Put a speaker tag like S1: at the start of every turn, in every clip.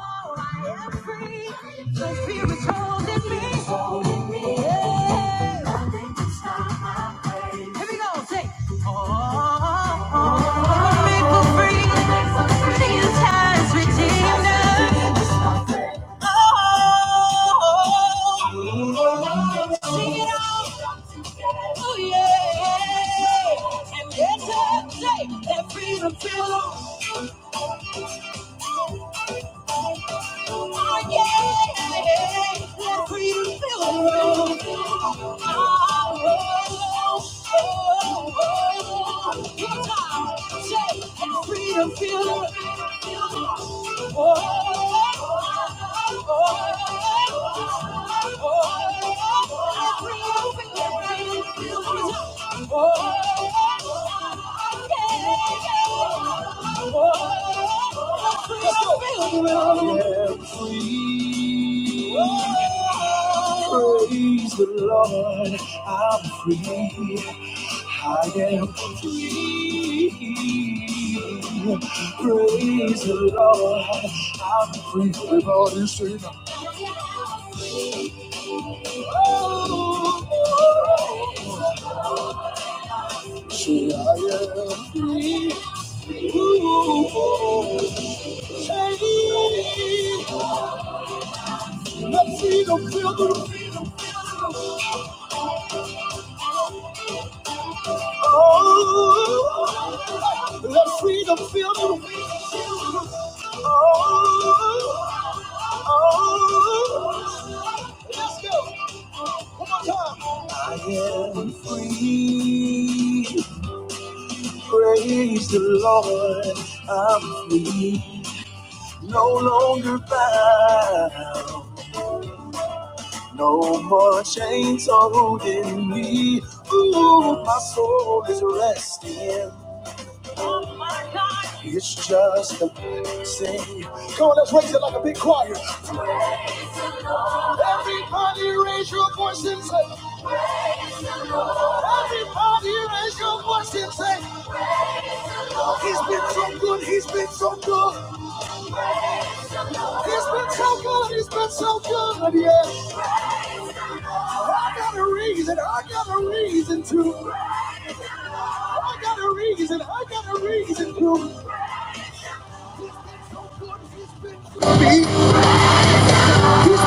S1: I am free. The Spirit's holding me. Yeah. Here we go. Say, oh, I'm a maker free. The entire's redeemed. Oh, sing it out. Oh, yeah. And yes, I say that freedom Oh, free. Praise the Lord, I'm free. I am free. Praise the Lord, I'm free. Everybody sing. Say I am free. Let freedom fill the room. Oh, let freedom fill the room. Oh, oh, let's go. One more time. I am free. Praise the Lord. I'm free. No longer bound. No more chains are holding me. Ooh, my soul is resting. Oh my God. It's just a blessing. Come on, let's raise it like a big choir. Everybody raise your voice and say, Everybody raise your voice and say, He's been so good, he's been so good. He's been so good, he's been so good, yeah. I got a reason, I got a reason to. I got a reason, I got a reason to. me. He's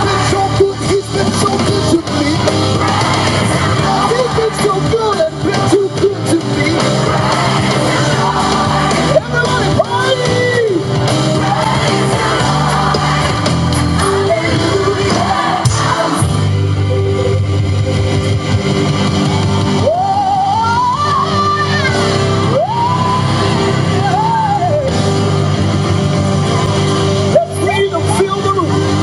S1: been so good. He's been so good to me. He's been so good and been too good to me. Everybody party! Hey! Freedom fill the room.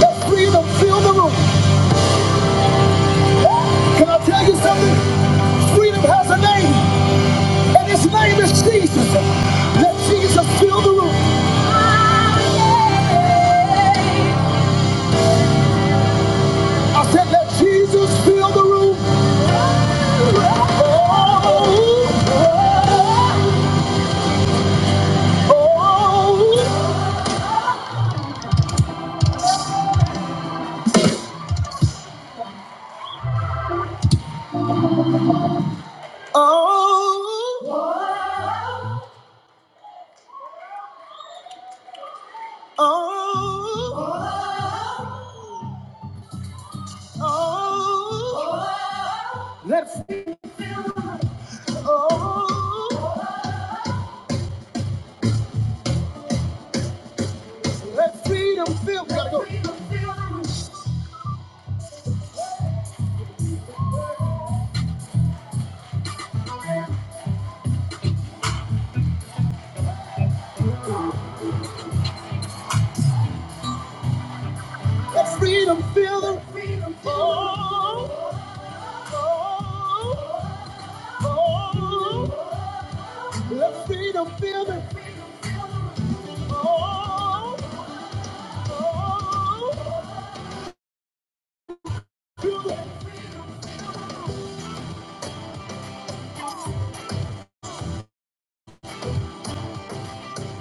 S1: Let freedom fill the room. Can I tell you something? Freedom has a name, and his name is Jesus. Let Jesus fill the room. I said, let Jesus fill the room. oh, oh, oh. oh, oh. Oh, let freedom, oh, let freedom fill. We gotta go. Let freedom fill the. room. Oh, oh, oh, let freedom fill the. room. Oh, oh, fill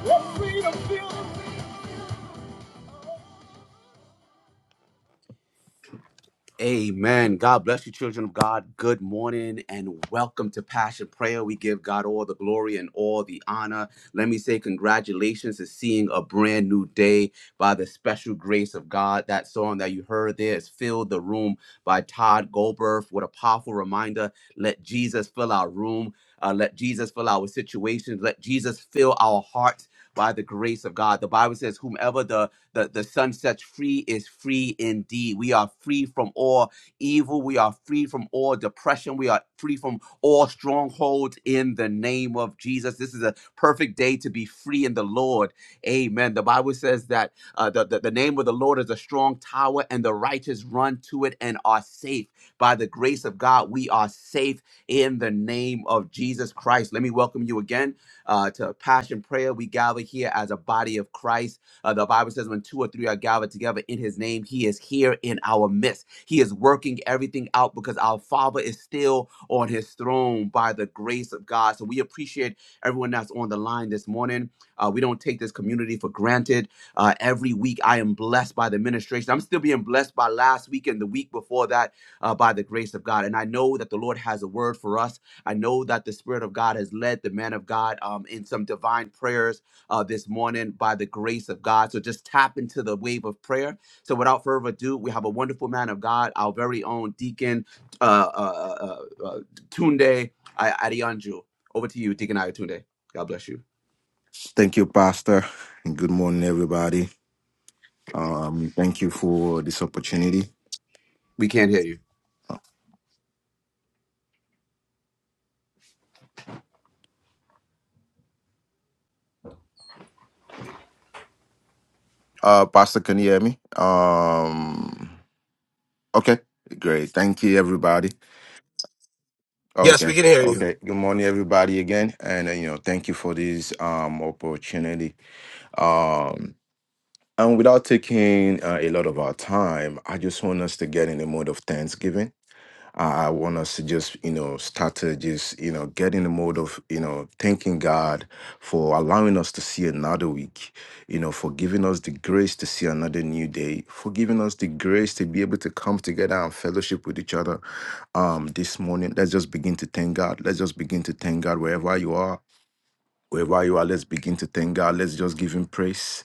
S1: let freedom fill the. room. Amen. God bless you, children of God. Good morning and welcome to Passion Prayer. We give God all the glory and all the honor. Let me say congratulations to seeing a brand new day by the special grace of God. That song that you heard there is Fill the Room by Todd Goldberg. What a powerful reminder. Let Jesus fill our room. Uh, let Jesus fill our situations. Let Jesus fill our hearts by the grace of God. The Bible says, whomever the the, the sun sets free is free indeed. We are free from all evil. We are free from all depression. We are free from all strongholds in the name of Jesus. This is a perfect day to be free in the Lord. Amen. The Bible says that uh, the, the, the name of the Lord is a strong tower, and the righteous run to it and are safe. By the grace of God, we are safe in the name of Jesus Christ. Let me welcome you again uh, to Passion Prayer. We gather here as a body of Christ uh, the Bible says, when two or three are gathered together in his name, he is here in our midst. He is working everything out because our Father is still on his throne by the grace of God. So we appreciate everyone that's on the line this morning. Uh, we don't take this community for granted. Uh, every week, I am blessed by the ministration. I'm still being blessed by last week and the week before that uh, by the grace of God. And I know that the Lord has a word for us. I know that the Spirit of God has led the man of God um, in some divine prayers uh, this morning by the grace of God. So just tap into the wave of prayer. So without further ado, we have a wonderful man of God, our very own deacon, uh, uh, uh, uh, uh, Tunde Adianju. Over to you, Deacon Ayatunde. God bless you.
S2: Thank you, Pastor, and good morning, everybody. Um, thank you for this opportunity.
S1: We can't hear you.
S2: Uh, Pastor, can you hear me? Um, okay, great. Thank you, everybody.
S3: Yes, we
S2: Okay,
S3: can hear you,
S2: okay. Good morning, everybody, again, and uh, you know, thank you for this um opportunity. Um, and without taking uh, a lot of our time, I just want us to get in the mode of thanksgiving I I want us to just, you know, start to just, you know, get in the mode of, you know, thanking God for allowing us to see another week, you know, for giving us the grace to see another new day, for giving us the grace to be able to come together and fellowship with each other um, this morning. Let's just begin to thank God. Let's just begin to thank God wherever you are. Wherever you are, let's begin to thank God. Let's just give Him praise.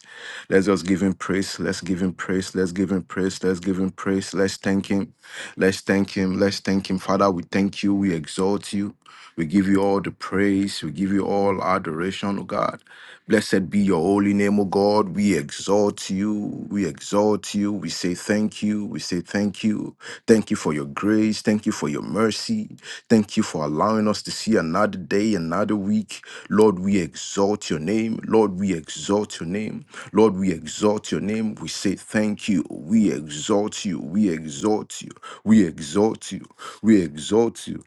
S2: Let's just give Him praise. Let's give Him praise. Let's give Him praise. Let's give Him praise. Let's thank Him. Let's thank Him. Let's thank Him. Father, we thank you. We exalt you. We give you all the praise. We give you all adoration, O God. Blessed be your holy name, O God. We exalt you. We exalt you. We say thank you. We say thank you. Thank you for your grace. Thank you for your mercy. Thank you for allowing us to see another day, another week. Lord, we exalt your name. Lord, we exalt your name. Lord, we exalt your name. We say thank you. We exalt you. We exalt you. We exalt you. We exalt you.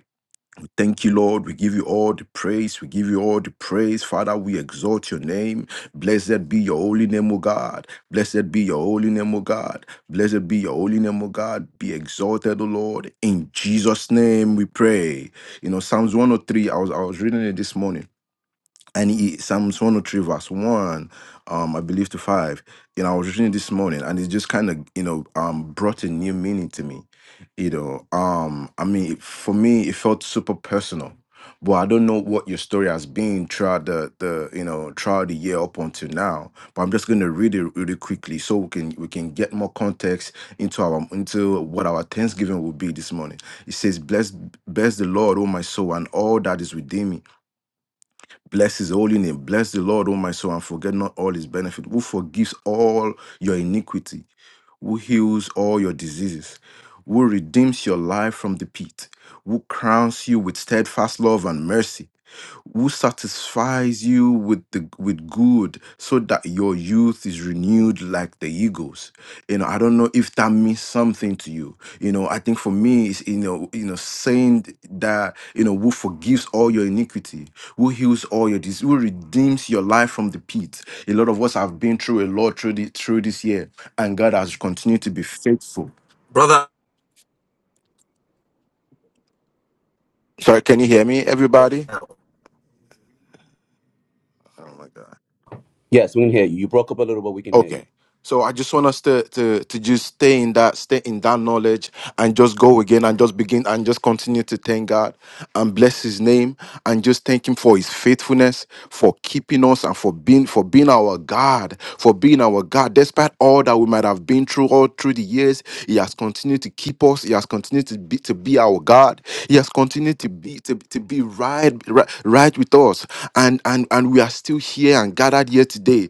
S2: Thank you, Lord. We give you all the praise. We give you all the praise. Father, we exalt your name. Blessed be your holy name, O God. Blessed be your holy name, O God. Blessed be your holy name, O God. Be exalted, O Lord. In Jesus' name we pray. You know, Psalms 103, I was I was reading it this morning and he, Psalms 103 verse 1, um, I believe to 5. You know, I was reading it this morning and it just kind of, you know, um, brought a new meaning to me. You know, um, I mean, it- for me, it felt super personal. But I don't know what your story has been throughout the, the you know throughout the year up until now. But I'm just going to read it really quickly so we can we can get more context into our into what our Thanksgiving will be this morning. It says, "Bless bless the Lord, O my soul, and all that is within me." Bless his holy name. Bless the Lord, O my soul, and forget not all his benefit, who forgives all your iniquity, who heals all your diseases, who redeems your life from the pit, who crowns you with steadfast love and mercy who satisfies you with the with good so that your youth is renewed like the eagles you know i don't know if that means something to you you know i think for me it's you know you know saying that you know who forgives all your iniquity who heals all your disease who redeems your life from the pit a lot of us have been through a lot through this through this year and god has continued to be faithful
S3: brother.
S2: sorry can you hear me everybody oh my god
S1: Yes, we can hear you. You broke up a little, but we can hear you.
S2: Okay. So I just want us to to to just stay in that stay in that knowledge and just go again and just begin and just continue to thank God and bless his name and just thank him for his faithfulness, for keeping us and for being for being our God, for being our God. Despite all that we might have been through all through the years, he has continued to keep us, he has continued to be to be our God. He has continued to be to, to be right, right right with us and and and we are still here and gathered here today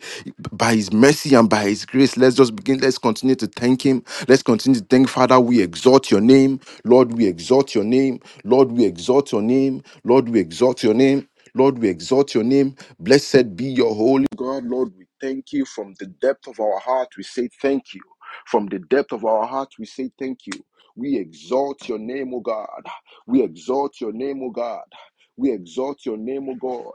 S2: by his mercy and by his grace let's just begin let's continue to thank him let's continue to thank father we exalt your name lord we exalt your name lord we exalt your name lord we exalt your name Lord, we exalt your name. Blessed be your holy God. Lord, we thank you from the depth of our heart. We say thank you. From the depth of our heart, we say thank you. We exalt your name, O God. We exalt your name, O God. We exalt your name, O God.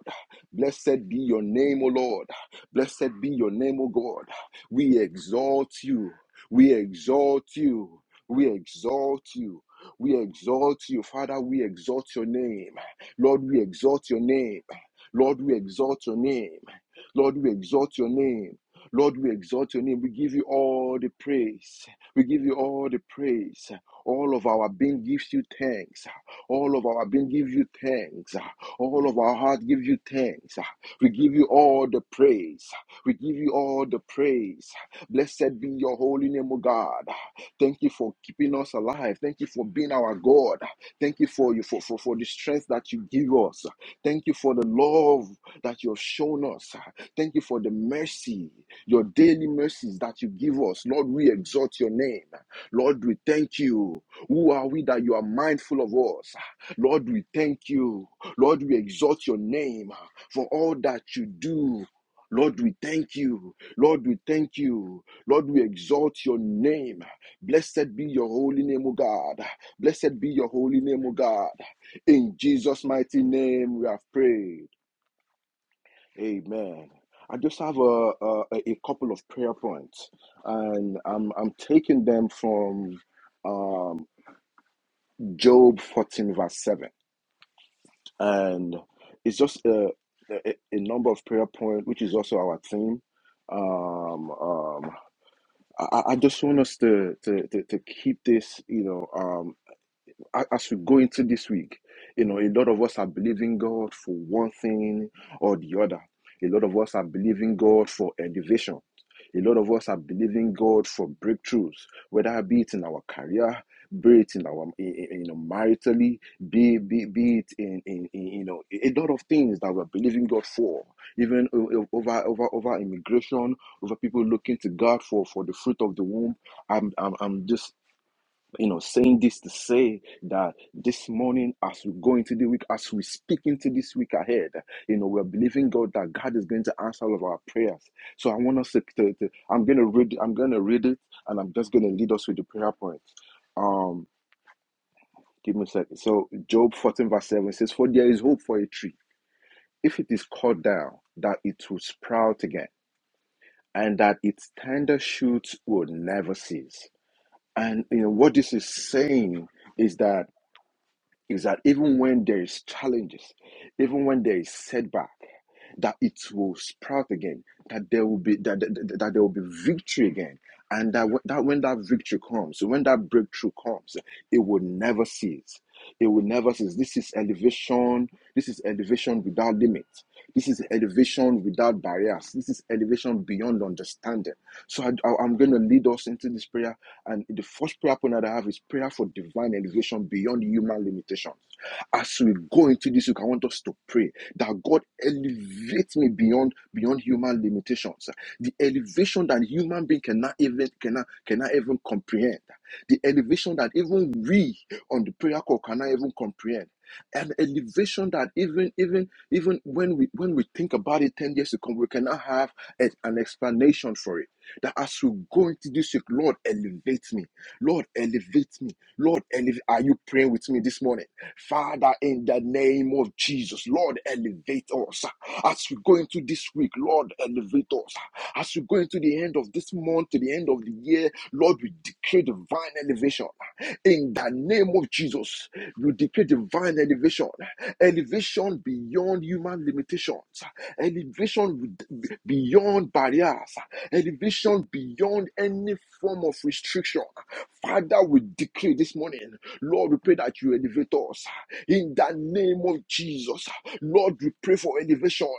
S2: Blessed be your name, O Lord. Blessed be your name, O God. We exalt you. We exalt you. We exalt you. We exalt you, Father. We exalt your name. Lord, we exalt your name. Lord, we exalt your name. Lord, we exalt your name. Lord, we exalt your name. We give you all the praise. We give you all the praise. All of our being gives you thanks. All of our being gives you thanks. All of our heart gives you thanks. We give you all the praise. We give you all the praise. Blessed be your holy name, O God. Thank you for keeping us alive. Thank you for being our God. Thank you for you for, for, for the strength that you give us. Thank you for the love that you have shown us. Thank you for the mercy, your daily mercies that you give us. Lord, we exalt your name. Lord, we thank you. Who are we that you are mindful of us? Lord, we thank you. Lord, we exalt your name ah, for all that you do. Lord, we thank you. Lord, we thank you. Lord, we exalt your name. ah. Blessed be your holy name, O God. ah. Blessed be your holy name, O God. ah. In Jesus' mighty name, we have prayed. Amen. I just have a, a, a couple of prayer points, and I'm, I'm taking them from um, Job 14, verse 7. and it's just a, a, a number of prayer points, which is also our theme. Um, um, I, I just want us to, to, to, to keep this, you know. um as we go into this week, you know, a lot of us are believing God for one thing or the other. A lot of us are believing God for elevation. A lot of us are believing God for breakthroughs, whether it be it in our career, be it in our you know maritally, be be, be it in, in, in you know a lot of things that we're believing God for, even over over over immigration, over people looking to God for for the fruit of the womb. I'm I'm, I'm just you know, saying this to say that this morning, as we go into the week, as we speak into this week ahead, you know, we're believing God that God is going to answer all of our prayers. So I want us to, to, to I'm gonna read, I'm gonna read it, and I'm just gonna lead us with the prayer point. Um, give me a second. So Job 14 verse 7 says, "For there is hope for a tree, if it is cut down, that it will sprout again, and that its tender shoots will never cease." And you know what this is saying is that is that even when there is challenges, even when there is setback, that it will sprout again, that there will be that, that, that there will be victory again, and that that when that victory comes, when that breakthrough comes, it will never cease. It will never cease. This is elevation. This is elevation without limit. This is elevation without barriers. This is elevation beyond understanding. So I, I- I'm going to lead us into this prayer and the first prayer point that I have is prayer for divine elevation beyond human limitations. As we go into this, you can want us to pray that God elevates me beyond beyond human limitations. The elevation that human being cannot even cannot cannot even comprehend. The elevation that even we on the prayer call cannot even comprehend. An elevation that even even even when we when we think about it 10 years to come, we cannot have a- an explanation for it that as you go into this week, Lord, elevate me. Lord, elevate me. Lord, elevate. Are you praying with me this morning? Father, in the name of Jesus, Lord, elevate us. As we go into this week, Lord, elevate us. As we go into the end of this month, to the end of the year, Lord, we decree divine elevation. In the name of Jesus, we decree divine elevation. Elevation beyond human limitations. Elevation beyond barriers elevation beyond any form of restriction. Father, we decree this morning, Lord, we pray that you elevate us in the name of Jesus. Lord, we pray for elevation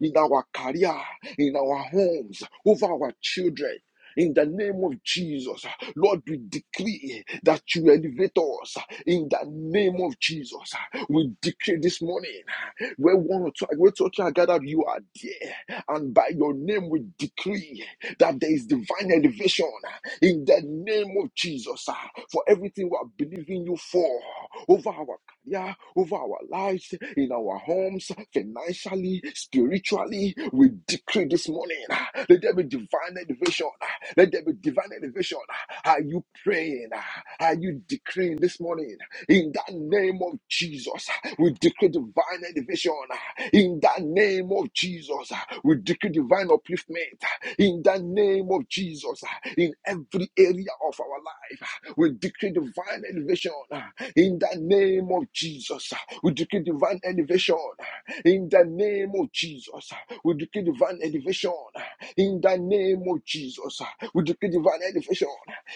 S2: in our career, in our homes, over our children. In the name of Jesus, Lord, we decree that you elevate us. In the name of Jesus, we decree this morning where one or two, where two or three are gathered, you are there. And by your name, we decree that there is divine elevation ah, in the name of Jesus ah, for everything we are believing you for over our career, over our lives, in our homes, financially, spiritually. We decree this morning ah, let there be divine elevation. ah, Let there be divine elevation. ah. Are you praying? ah? Are you decreeing this morning? In that name of Jesus, we decree divine elevation. In that name of Jesus, we decree divine upliftment. In the name of Jesus, in every area of our life, we decree divine elevation. In the name of Jesus, we decree divine elevation. In the name of Jesus, we decree divine elevation in the name of Jesus. uh, We decree divine elevation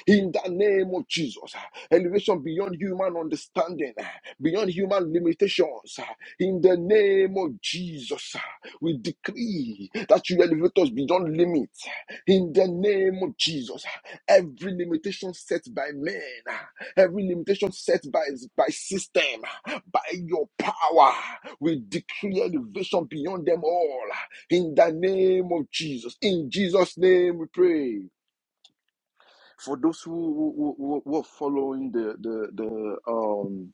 S2: in the name of Jesus. uh, Elevation beyond human understanding, uh, beyond human limitations. uh, In the name of Jesus, uh, we decree that you elevate us beyond limits. uh, In the name of Jesus, uh, every limitation set by men, every limitation set by, by system, uh, by your power, we decree elevation beyond them all. uh, in the name of Jesus. In Jesus' name we pray. For those who, who, who, who are following the, the, the, um,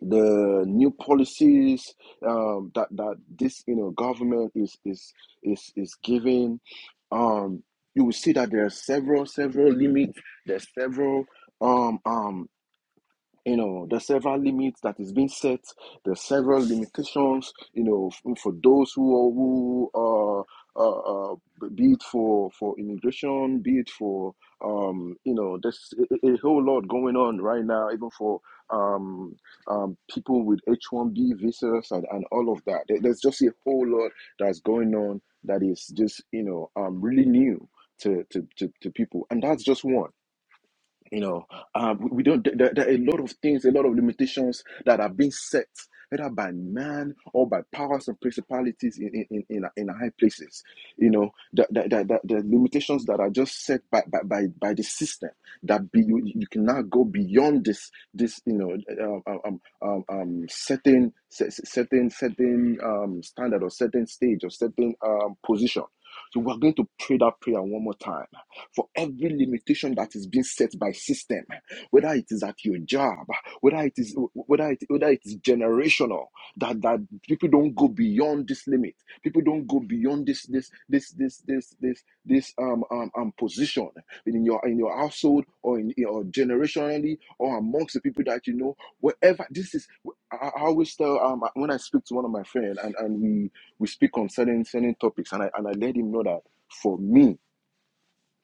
S2: the new policies um, that, that this you know government is is is, is giving, um, you will see that there are several several limits. There's several um um you know there's several limits that is being set there's several limitations you know f- for those who uh, who uh, uh, uh be it for for immigration be it for um you know there's a, a whole lot going on right now even for um um people with h1b visas and, and all of that There- there's just a whole lot that's going on that is just you know um really new to to, to, to people and that's just one you know um, we we don't there, there are a lot of things a lot of limitations that are being set whether by man or by powers and principalities in in, in, in in high places you know the, the, the, the, the limitations that are just set by by, by, by the system that be, you, you can go beyond this this you know um, um, um, um, um, certain cer- cer- certain certain um, standard or certain stage or certain um, position so we're going to pray that prayer one more time for every limitation that is being set by system, whether it is at your job, whether it is whether it whether it is generational, that that people don't go beyond this limit, people don't go beyond this this this this this this this um um, um position in your in your household or in or generationally or amongst the people that you know, wherever this is. I I always tell um when I speak to one of my friends and, and we we speak on certain certain topics and I and I let him know that for me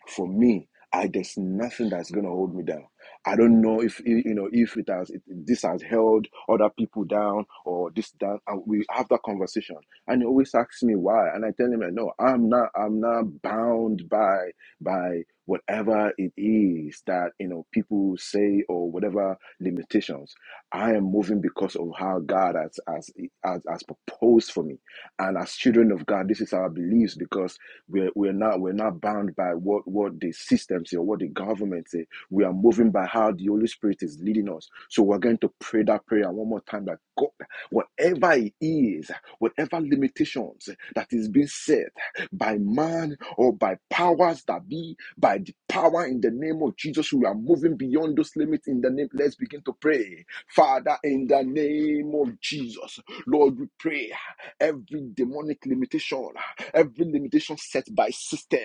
S2: for me i there's nothing that's going to hold me down i don't know if you know if it has it, this has held other people down or this down and we have that conversation and he always asks me why and i tell him like, no i'm not i'm not bound by by whatever it is that you know people say or whatever limitations i am moving because of how god has has has, has proposed for me and as children of god this is our beliefs because we're, we're not we're not bound by what, what the system say or what the government say. We are moving by how the Holy Spirit is leading us. So we're going to pray that prayer one more time that God, whatever it is, whatever limitations that is being set by man or by powers that be, by the power in the name of Jesus, we are moving beyond those limits in the name. Let's begin to pray. Father, in the name of Jesus, Lord, we pray every demonic limitation, every limitation set by system,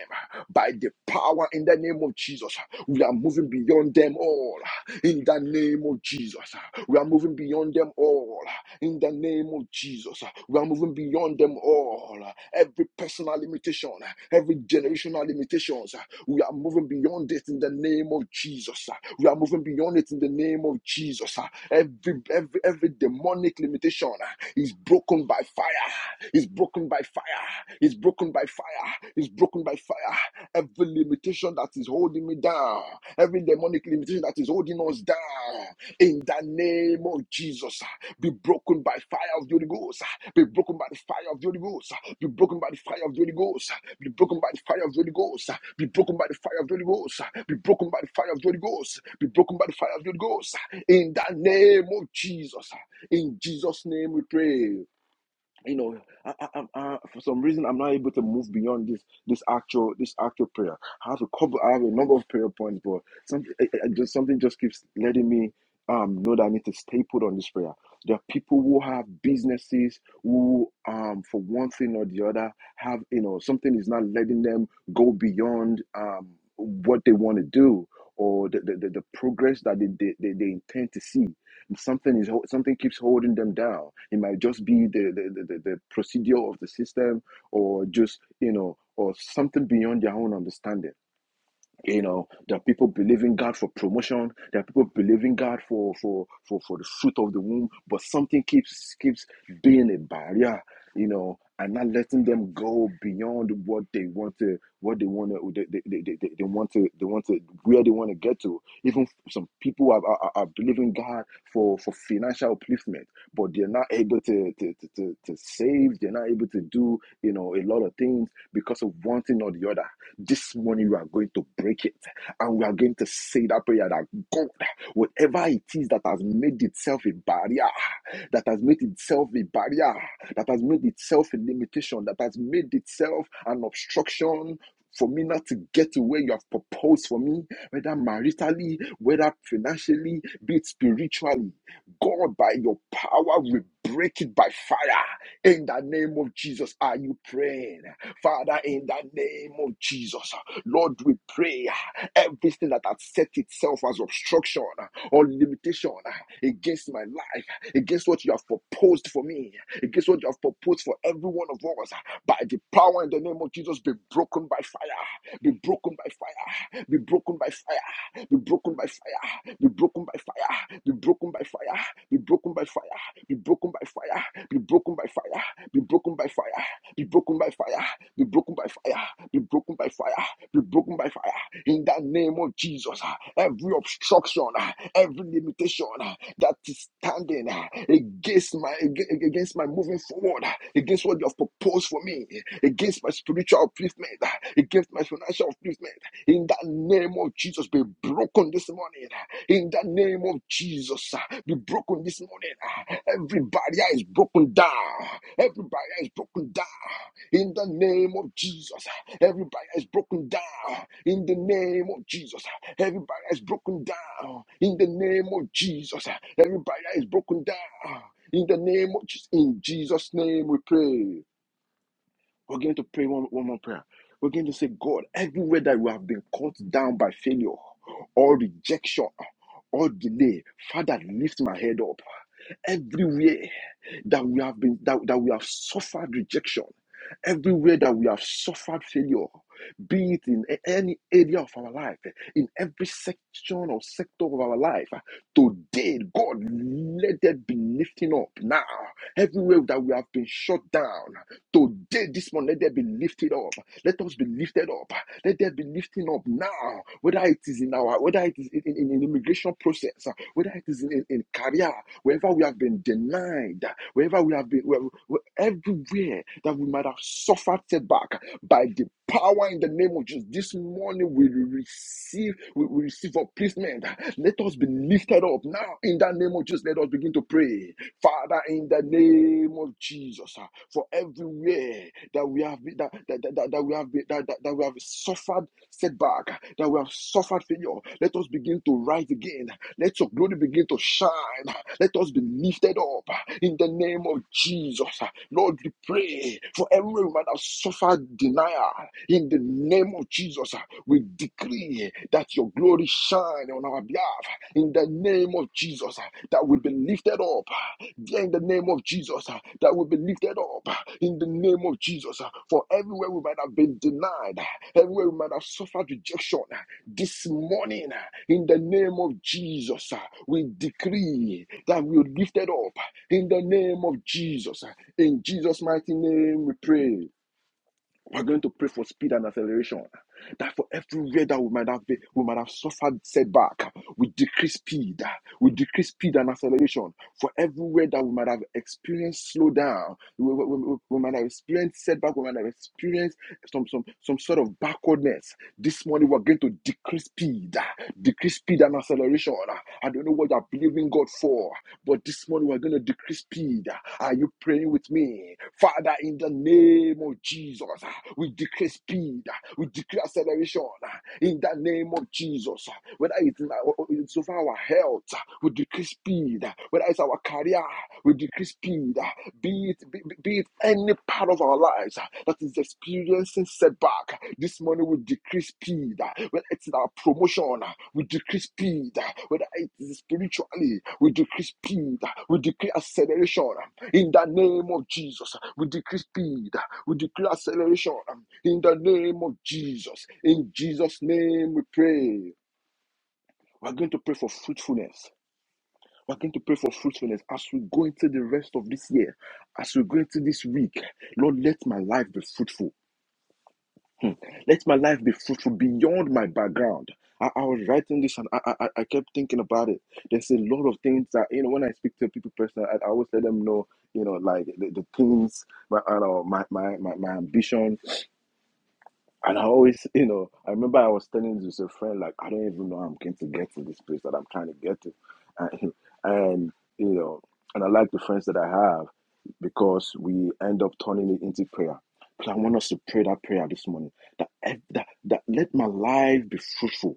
S2: by the power in the name of Jesus. We are moving beyond them all in the name of Jesus. We are moving beyond them all in the name of Jesus. We are moving beyond them all. Every person personal limitation, every generational limitations. We are moving beyond it in the name of Jesus. We are moving beyond it in the name of Jesus. Every every every demonic limitation is broken by fire. Is broken by fire. Is broken by fire. Is broken by fire. Every limitation that is holding me down, every demonic limitation that is holding us down, in the name of Jesus. Be broken by fire of the Holy Ghost. Be broken by the fire of the Holy Ghost. Be broken by the fire of the Holy Ghost. Be broken by the fire of the Holy Ghost. Be broken by the fire of the Holy Ghost. Be broken by the fire of the Holy Ghost. Be broken by the fire of the Holy Ghost. In the name of Jesus. In Jesus' name we pray you know I, I, i for some reason i'm not able to move beyond this this actual this actual prayer i have a couple i have a number of prayer points but something I I just something just keeps letting me um know that i need to stay put on this prayer there are people who have businesses who um for one thing or the other have you know something is not letting them go beyond um what they want to do or the, the, the, the progress that they, they, they, they intend to see something is something keeps holding them down it might just be the, the, the the procedure of the system or just you know or something beyond their own understanding you know, there are people believing God for promotion. There are people believing God for for for for the fruit of the womb, but something keeps keeps being a barrier. You know, and not letting them go beyond what they want to, what they want to, they, they, they, they, they want to, they want to, where they want to get to. Even some people are, are, are believing God for for financial upliftment, but they're not able to to, to to to save. They're not able to do you know a lot of things because of one thing or the other this morning we are going to break it and we are going to say that prayer that God, whatever it is that has made itself a barrier, that has made itself a barrier, that has made itself a limitation, that has made itself an obstruction for me not to get to where you have proposed for me, whether maritally, whether financially, be it spiritually. God, by your power, we break it by fire. In the name of Jesus, are you praying? Father, in the name of Jesus, Lord, we pray uh, everything that has set itself as obstruction uh, or limitation uh, against my life, against what you have proposed for me, against what you have proposed for every one of us, uh, by the power in the name of Jesus, be broken by fire, be broken by fire, be broken by fire be broken by fire, be broken by fire, be broken by fire, be broken by fire, be broken by fire, be broken by fire, be broken by fire, be broken by fire, be broken by fire, be broken by fire, be broken by fire. In the name of Jesus, ah, every obstruction, ah, every limitation ah, that is standing ah, against my against my moving forward, ah, against what you have proposed for me, against my spiritual upliftment, ah, against my financial upliftment, in the name of Jesus, be broken this morning. In the name of Jesus, be broken this morning. Every barrier is broken down. Every barrier is broken down. In the name of Jesus, every barrier is broken down. In the name of Jesus, every barrier is broken down. In the name of Jesus, every barrier is broken down. In the name of Jesus, in Jesus' name we pray. We're going to pray one, one more prayer. We're going to say, God, everywhere that we have been caught down by failure or rejection or delay, Father, lift my head up. Everywhere that we have been that, that we have suffered rejection, everywhere that we have suffered failure, be it in a- any area of our life, in every section or sector of our life, today, God, let there be lifting up now. Everywhere that we have been shut down, Today, this morning, let there be lifted up. Let us be lifted up. Let there be lifting up now, whether it is in our, whether it is in, in, in immigration process, uh, whether it is in, in, in career, wherever we have been denied, wherever we have been, where, where- everywhere that we might have suffered setback by the power in the name of Jesus. This morning we receive, we, we receive upliftment. Let us be lifted up now in the name of Jesus. Let us begin to pray. Father, in the name of Jesus, ah, for everywhere that we have been, that, that, that, that that we have been, that, that, that we have suffered setback, ah, that we have suffered failure, let us begin to rise again. Let your glory begin to shine. ah. Let us be lifted up ah, in the name of Jesus. ah. Lord, we pray for everyone that has suffered denial in the name of Jesus. ah. We decree that your glory shine on our behalf in the name of Jesus, uh, that we be lifted up lifted up yeah, in the name of Jesus, uh, that will be lifted up uh, in the name of Jesus. uh, For everywhere we might have been denied, uh, everywhere we might have suffered rejection, uh, this morning, uh, in the name of Jesus, uh, we decree that we are lifted up uh, in the name of Jesus. uh, In Jesus' mighty name, we pray. We're going to pray for speed and acceleration. That for everywhere that we might have been, we might have suffered setback, we decrease speed, we decrease speed and acceleration. For everywhere that we might have experienced slowdown, we, we, we, we might have experienced setback, we might have experienced some some some sort of backwardness. This morning we're going to decrease speed, decrease speed and acceleration. I don't know what you're believing God for, but this morning we're going to decrease speed. Are you praying with me? Father, in the name of Jesus, ah, we decree speed, ah, we declare acceleration. ah, In the name of Jesus, ah. whether it's, in our, it's over our health, ah, we decree speed. ah, Whether it's our career, we decree speed. ah, Be it, be, be it any part of our lives ah, that is experiencing setback, this morning we decree speed. ah. Whether it's in our promotion, ah, we decree speed. ah. Whether it is spiritually, we decree speed. ah. We declare acceleration. In the name of Jesus, we decree speed, we declare acceleration. um, In the name of Jesus, in Jesus' name we pray. We're going to pray for fruitfulness. We're going to pray for fruitfulness as we go into the rest of this year, as we go into this week. Lord, let my life be fruitful. Let my life be fruitful beyond my background. I, I was writing this and I, I, I kept thinking about it. There's a lot of things that, you know, when I speak to people personally, I, I always let them know, you know, like the, the things, my, I don't know, my, my, my, my ambitions and I always, you know, I remember I was telling this a friend, like, I don't even know how I'm going to get to this place that I'm trying to get to. And, and you know, and I like the friends that I have because we end up turning it into prayer. But I want us to pray that prayer this morning that, ev- that, that let my life be fruitful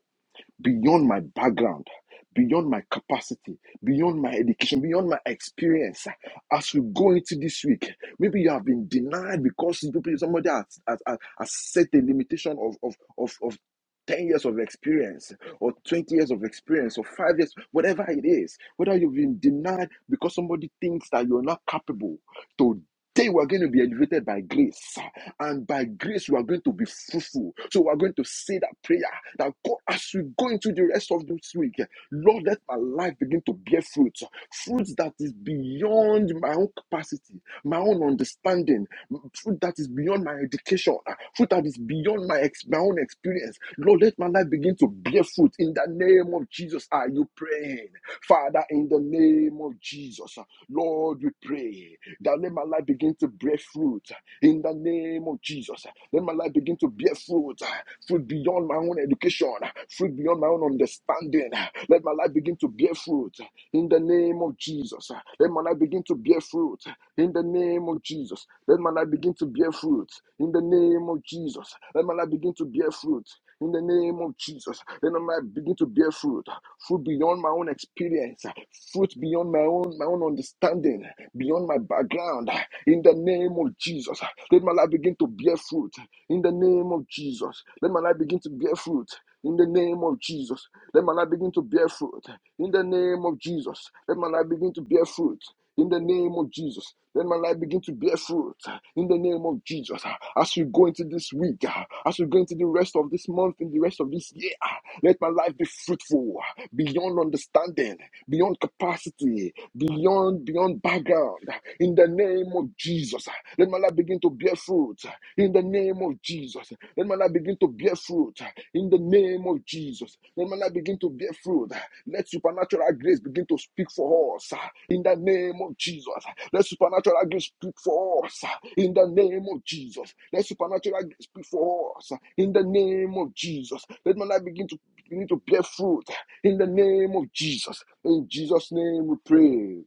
S2: beyond my background, beyond my capacity, beyond my education, beyond my experience. As we go into this week, maybe you have been denied because people- somebody has, has, has has set a limitation of, of, of, of 10 years of experience or 20 years of experience or five years, whatever it is, whether you've been denied because somebody thinks that you're not capable. Today, we're going to be elevated by grace. And by grace, we are going to be fruitful. So we are going to say that prayer that God, as we go into the rest of this week, Lord, let my life begin to bear fruit. Fruit that is beyond my own capacity, my own understanding, fruit that is beyond my education, fruit that is beyond my, ex- my own experience. Lord, let my life begin to bear fruit. In the name of Jesus, are you praying? Father, in the name of Jesus, Lord, we pray that let my life begin to bear fruit in the name of Jesus. Let my life begin to bear fruit, fruit beyond my own education, fruit beyond my own understanding. Let my life begin to bear fruit in the name of Jesus. Let my life begin to bear fruit in the name of Jesus. Let my life begin to bear fruit in the name of Jesus. Let my life begin to bear fruit in the name of Jesus. Then I might begin to bear fruit, fruit beyond my own experience, fruit beyond my own my own understanding, beyond my background. In the name of Jesus, let my life begin to bear fruit. In the name of Jesus, let my life begin to bear fruit. In the name of Jesus, let my life begin to bear fruit. In the name of Jesus, let my life begin to bear fruit in the name of Jesus. Let my life begin to bear fruit uh, in the name of Jesus. uh, As we go into this week, uh, as we go into the rest of this month, in the rest of this year, uh, let my life be fruitful uh, beyond understanding, beyond capacity, beyond beyond background. uh, In the name of Jesus, uh, let my life begin to bear fruit uh, in the name of Jesus. Let my life begin to bear fruit uh, in the name of Jesus. Let my life begin to bear fruit. uh, Let supernatural grace begin to speak for us uh, in the name of Jesus. Let supernatural grace speak for us uh, in the name of Jesus. Let supernatural grace speak for us uh, in the name of Jesus. Let my life begin to begin to bear fruit uh, in the name of Jesus. In Jesus' name we pray.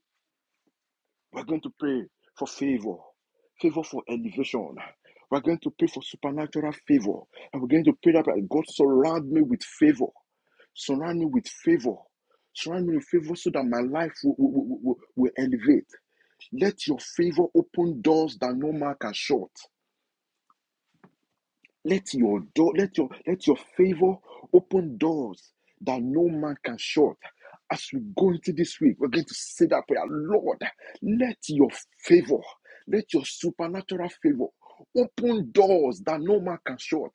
S2: We're going to pray for favor, favor for elevation. We're going to pray for supernatural favor. And we're going to pray that like, God surround me with favor. Surround me with favor. Surround me with favor so that my life will, will, will will elevate. Let your favor open doors that no man can shut. Let your door, let your let your favor open doors that no man can shut. As we go into this week, we're going to say that prayer. Lord, let your favor, let your supernatural favor open doors that no man can shut.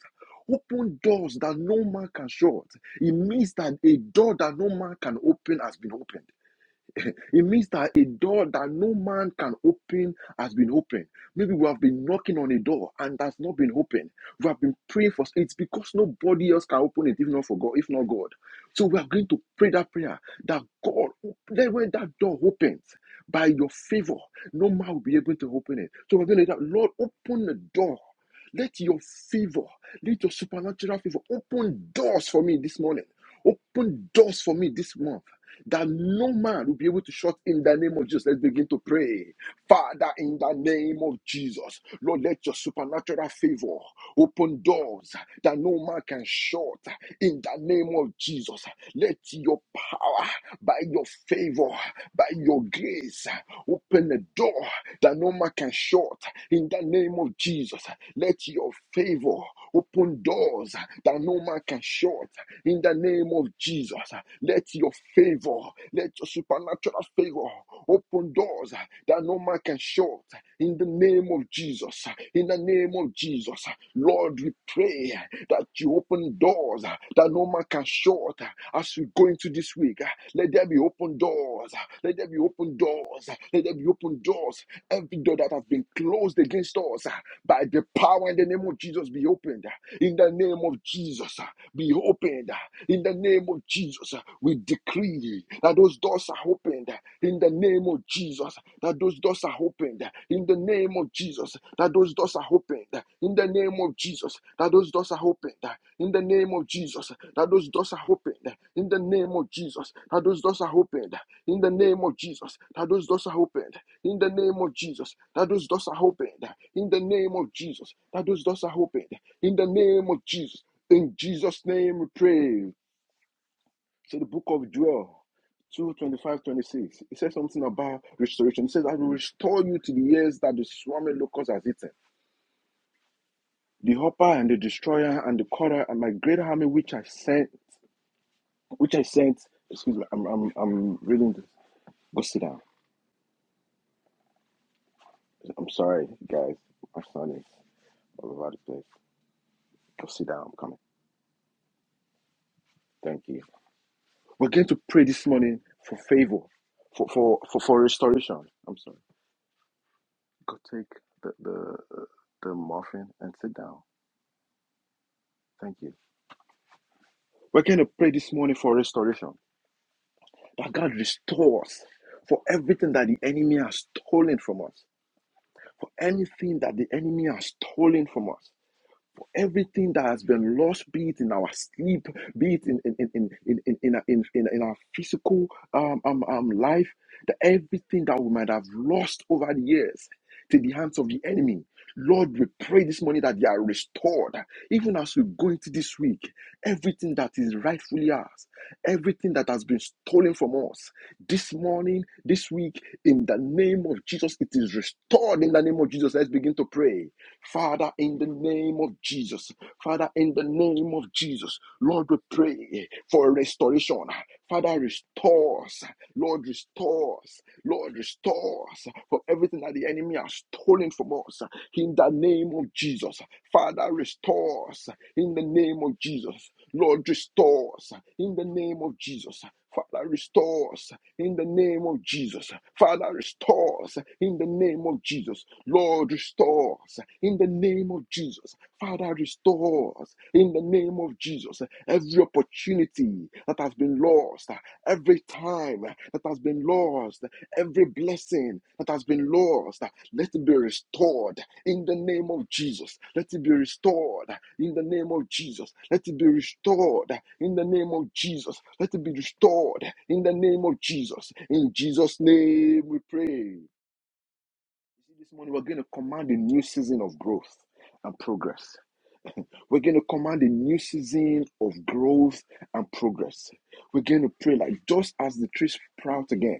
S2: Open doors that no man can shut. It means that a door that no man can open has been opened. It means that a door that no man can open has been opened. Maybe we have been knocking on a door and that's not been opened. We have been praying for it because nobody else can open it if not for God, if not God. So we are going to pray that prayer that God, then when that door opens by your favor, no man will be able to open it. So we're going to let that Lord, open the door. Let your favor, let your supernatural favor open doors for me this morning. Open doors for me this month that no man will be able to shut in the name of Jesus. Let's begin to pray. Father, in the name of Jesus, Lord, let your supernatural favor open doors that no man can shut. In the name of Jesus, let your power, by your favor, by your grace, open a door that no man can shut. In the name of Jesus, let your favor open doors that no man can shut short in the name of Jesus. Let your favor, let your supernatural favor open doors that no man can shut in the name of Jesus. In the name of Jesus, Lord, we pray that you open doors that no man can shut as we go into this week. Let there be open doors. Let there be open doors. Let there be open doors. Every door that has been closed against us by the power in the name of Jesus be opened. In the name of Jesus, uh, be opened. uh, In the name of Jesus, uh, we decree that those doors are opened. uh, In the name of Jesus, that those doors are opened. uh, In the name of Jesus, that those doors are opened. uh, In the name of Jesus, that those doors are opened. uh, In the name name of Jesus, that those doors are opened. In the name of Jesus, that those doors are opened. In the name of Jesus, that those doors are opened. In the name of Jesus, that those doors are opened. In the name of Jesus, that those doors are opened. In the name of Jesus, in Jesus' name we pray. So the book of Joel. 2 25, 26. it says something about restoration it says i will restore you to the years that the swarming locust has eaten the hopper and the destroyer and the cutter and my great army which i sent which I sent. Excuse me, I'm I'm I'm reading this. Go sit down. I'm sorry, guys. My son is all over the place. Go sit down. I'm coming. Thank you. We're going to pray in for favor, for for for, for restoration. I'm sorry. Go take the, the the muffin and sit down. Thank you. We're going to pray this morning for restoration. That God restores for everything that the enemy has stolen from us. For anything that the enemy has stolen from us. everything that has been lost, be it in our sleep, be it in in in in in in, in, in, in, in our physical um, um um life, that everything that we might have lost over the years to the hands of the enemy. Lord, we pray this morning that they are restored. Even as we go into this week, everything that is rightfully ours, everything that has been stolen from us, this morning, this week, in the name of Jesus, it is restored in the name of Jesus. Let's begin to pray. Father, in the name of Jesus, Father, in the name of Jesus, Lord, we pray for restoration. Father, restore us. Lord, restore us. Lord, restore us for everything that the enemy has stolen from us in the name of Jesus. Father, restore us in the name of Jesus. Lord, restore us in the name of Jesus. Father, restore us in the name of Jesus. Father, restore us in the name of Jesus. Lord, restore us in the name of Jesus. Father, restore us in the name of Jesus. Every opportunity that has been lost, every time that has been lost, Every blessing that has been lost, let it be restored in the name of Jesus. Let it be restored in the name of Jesus. Let it be restored in the name of Jesus. Let it be restored in the name of Jesus. In Jesus' name we pray. This morning we're going to command a new season of growth and progress. We're going to command a new season of growth and progress. We're going to pray like just as the tree sprouts again.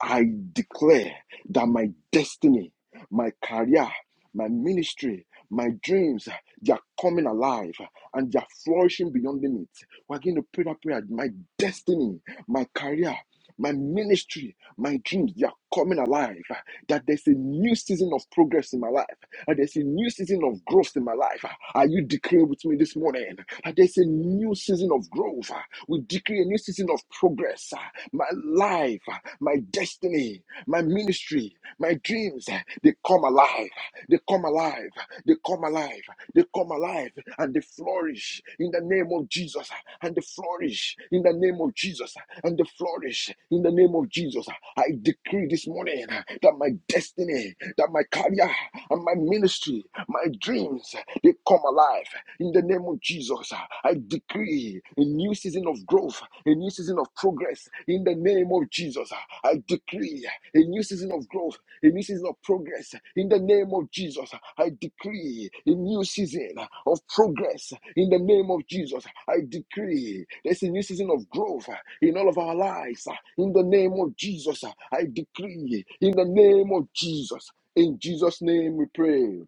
S2: I declare that my destiny, my career, my ministry, my dreams, they are coming alive and they are flourishing beyond limits. We're going to pray that prayer. My destiny, my career, my ministry, my dreams, they are coming alive. That there's a new season of progress in my life. That there's a new season of growth in my life. Are you declaring with me this morning? That there's a new season of growth. We declare a new season of progress. My life, my destiny, my ministry, my dreams, they come alive. They come alive. They come alive. They come alive and they flourish in the name of Jesus. And they flourish in the name of Jesus. And they flourish in the name of Jesus. I decree this morning that my destiny, that my career, and my ministry, my dreams, they come alive in the name of Jesus. I decree a new season of growth, a new season of progress in the name of Jesus. I decree a new season of growth, a new season of progress in the name of Jesus. I decree a new season of progress in the name of Jesus. I decree there's a new season of growth in all of our lives in the name of Jesus. I decree in the name of Jesus. In Jesus' name we pray.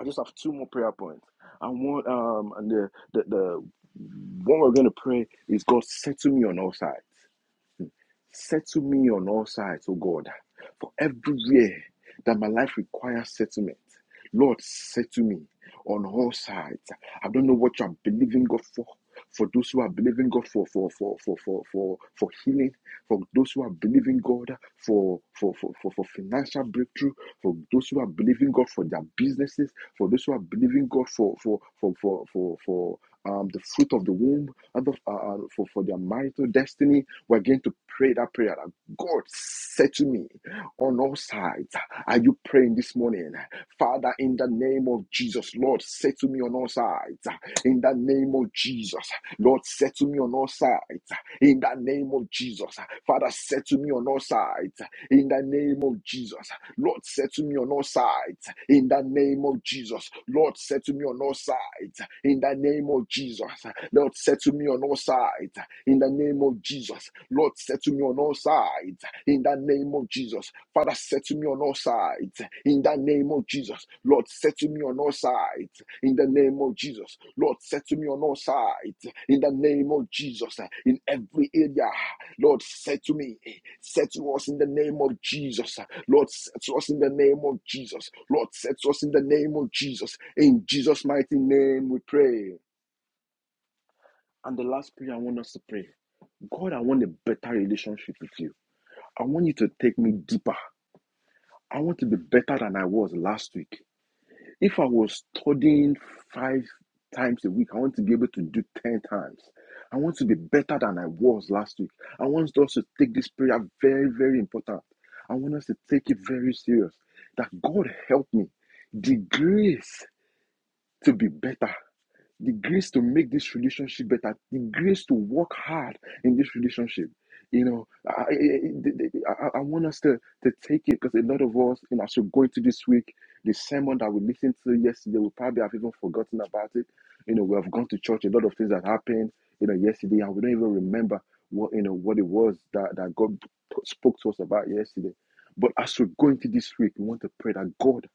S2: I just have two more prayer points. I want um and the the, the what we're going to pray is God, settle me on all sides. Settle me on all sides, oh God, for every year that my life requires settlement. Lord, settle me on all sides. I don't know what you're believing God for. For those who are believing God for for for for for for, for healing, for those who are believing God for for, for for for financial breakthrough, for those who are believing God for their businesses, for those who are believing God for for for for for for um, the fruit of the womb, and the- uh, uh, for, for their marital destiny. We're going to pray that prayer that God said to me, on all sides. Are you praying this morning? Father, in the name of Jesus, Lord, say to me on all sides. In the name of Jesus, Lord, say to me on all sides. In the name of Jesus, Father, say to me on all sides. In the name of Jesus, Lord, say to me on all sides. In the name of Jesus, Lord, say to me on all sides. In the name of Jesus, Lord, say to me on all sides. In the name of Jesus. Lord, settle me on all sides in the name of Jesus. Father, settle me on all sides in the name of Jesus. Lord, settle me on all sides in the name of Jesus. Lord, settle me on all sides in the name of Jesus. In every area, Lord, settle me. Settle us in the name of Jesus. Lord, settle us in the name of Jesus. Lord, settle us in the name of Jesus. In Jesus' mighty name we pray. And the last prayer I want us to pray God, I want a better relationship with you. I want you to take me deeper. I want to be better than I was last week. If I was studying five times a week, I want to be able to do 10 times. I want to be better than I was last week. I want us to take this prayer very, very important. I want us to take it very serious. That God help me. The grace to be better the grace to make this relationship better, the grace to work hard in this relationship. You know, I, I, I I- want us to, to take it because a lot of us, you know, as we go into this week, the sermon that we listened to yesterday, we probably have even forgotten about it. You know, we have gone to church, a lot of things that happened, you know, yesterday, and we don't even remember what, you know, what it was that, that God spoke to us about yesterday. But as we go into this week, we want to pray that God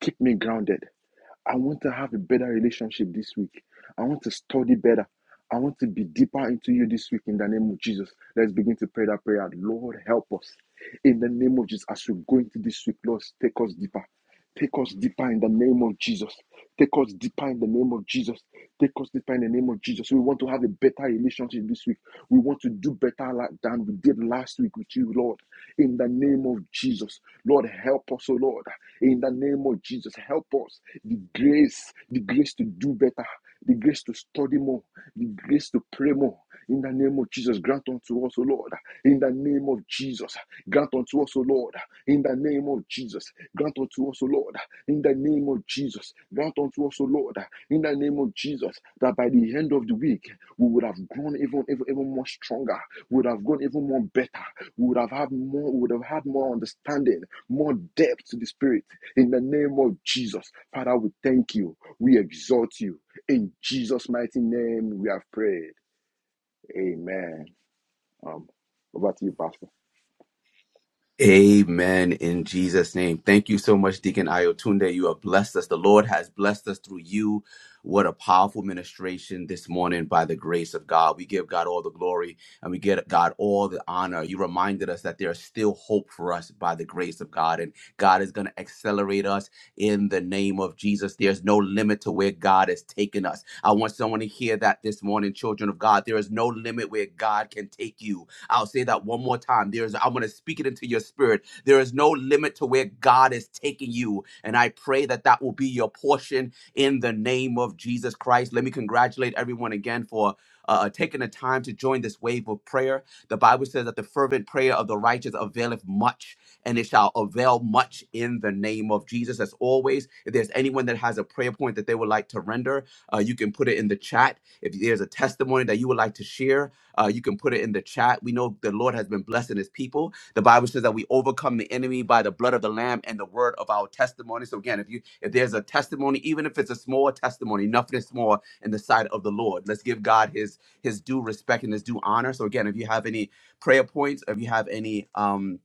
S2: Keep me grounded. I want to have a better relationship this week. I want to study better. I want to be deeper into you this week in the name of Jesus. Let's begin to pray that prayer. Lord, help us. In the name of Jesus, as we go into this week, Lord, take us deeper. Take us deeper in the name of Jesus. Take us deeper in the name of Jesus. Take us deeper in the name of Jesus. We want to have a better relationship this week. We want to do better like- than we did last week with you, Lord you, Lord. In the name of Jesus, Lord, help us, oh Lord. In the name of Jesus, help us. The grace, the grace to do better, the grace to study more, the grace to pray more. In the name of Jesus, grant unto us, O Lord. In the name of Jesus, grant unto us, O Lord. In the name of Jesus, grant unto us, O Lord. In the name of Jesus, grant unto us, O Lord. In the name of Jesus, that by the end of the week, we would have grown even, even, even more stronger, we would have gone even more better we would have had more, we would have had more understanding, more depth to the spirit. In the name of Jesus. Father, we thank you. We exalt you. In Jesus' mighty name we have prayed. Amen. Um, over to you, Pastor.
S1: Amen in Jesus' name. Thank you so much, Deacon Ayotunde. You have blessed us. The Lord has blessed us through you. What a powerful ministration this morning by the grace of God. We give God all the glory and we give God all the honor. You reminded us that there is still hope for us by the grace of God, and God is going to accelerate us in the name of Jesus. There's no limit to where God has taken us. I want someone to hear that this morning, children of God. There is no limit where God can take you. I'll say that one more time. There's I'm going to speak it into your spirit. There is no limit to where God is taking you, and I pray that that will be your portion in the name of Jesus Christ. Let me congratulate everyone again for uh, uh, taking the time to join this wave of prayer. The Bible says that the fervent prayer of the righteous availeth much, and it shall avail much in the name of Jesus. As always, if there's anyone that has a prayer point that they would like to render, uh, you can put it in the chat. If there's a testimony that you would like to share, uh, you can put it in the chat. We know the Lord has been blessing his people. The Bible says that we overcome the enemy by the blood of the Lamb and the word of our testimony. So again, if you if there's a testimony, even if it's a small testimony, nothing is small in the sight of the Lord. Let's give God his his due respect and his due honor. So again, if you have any prayer points, if you have any um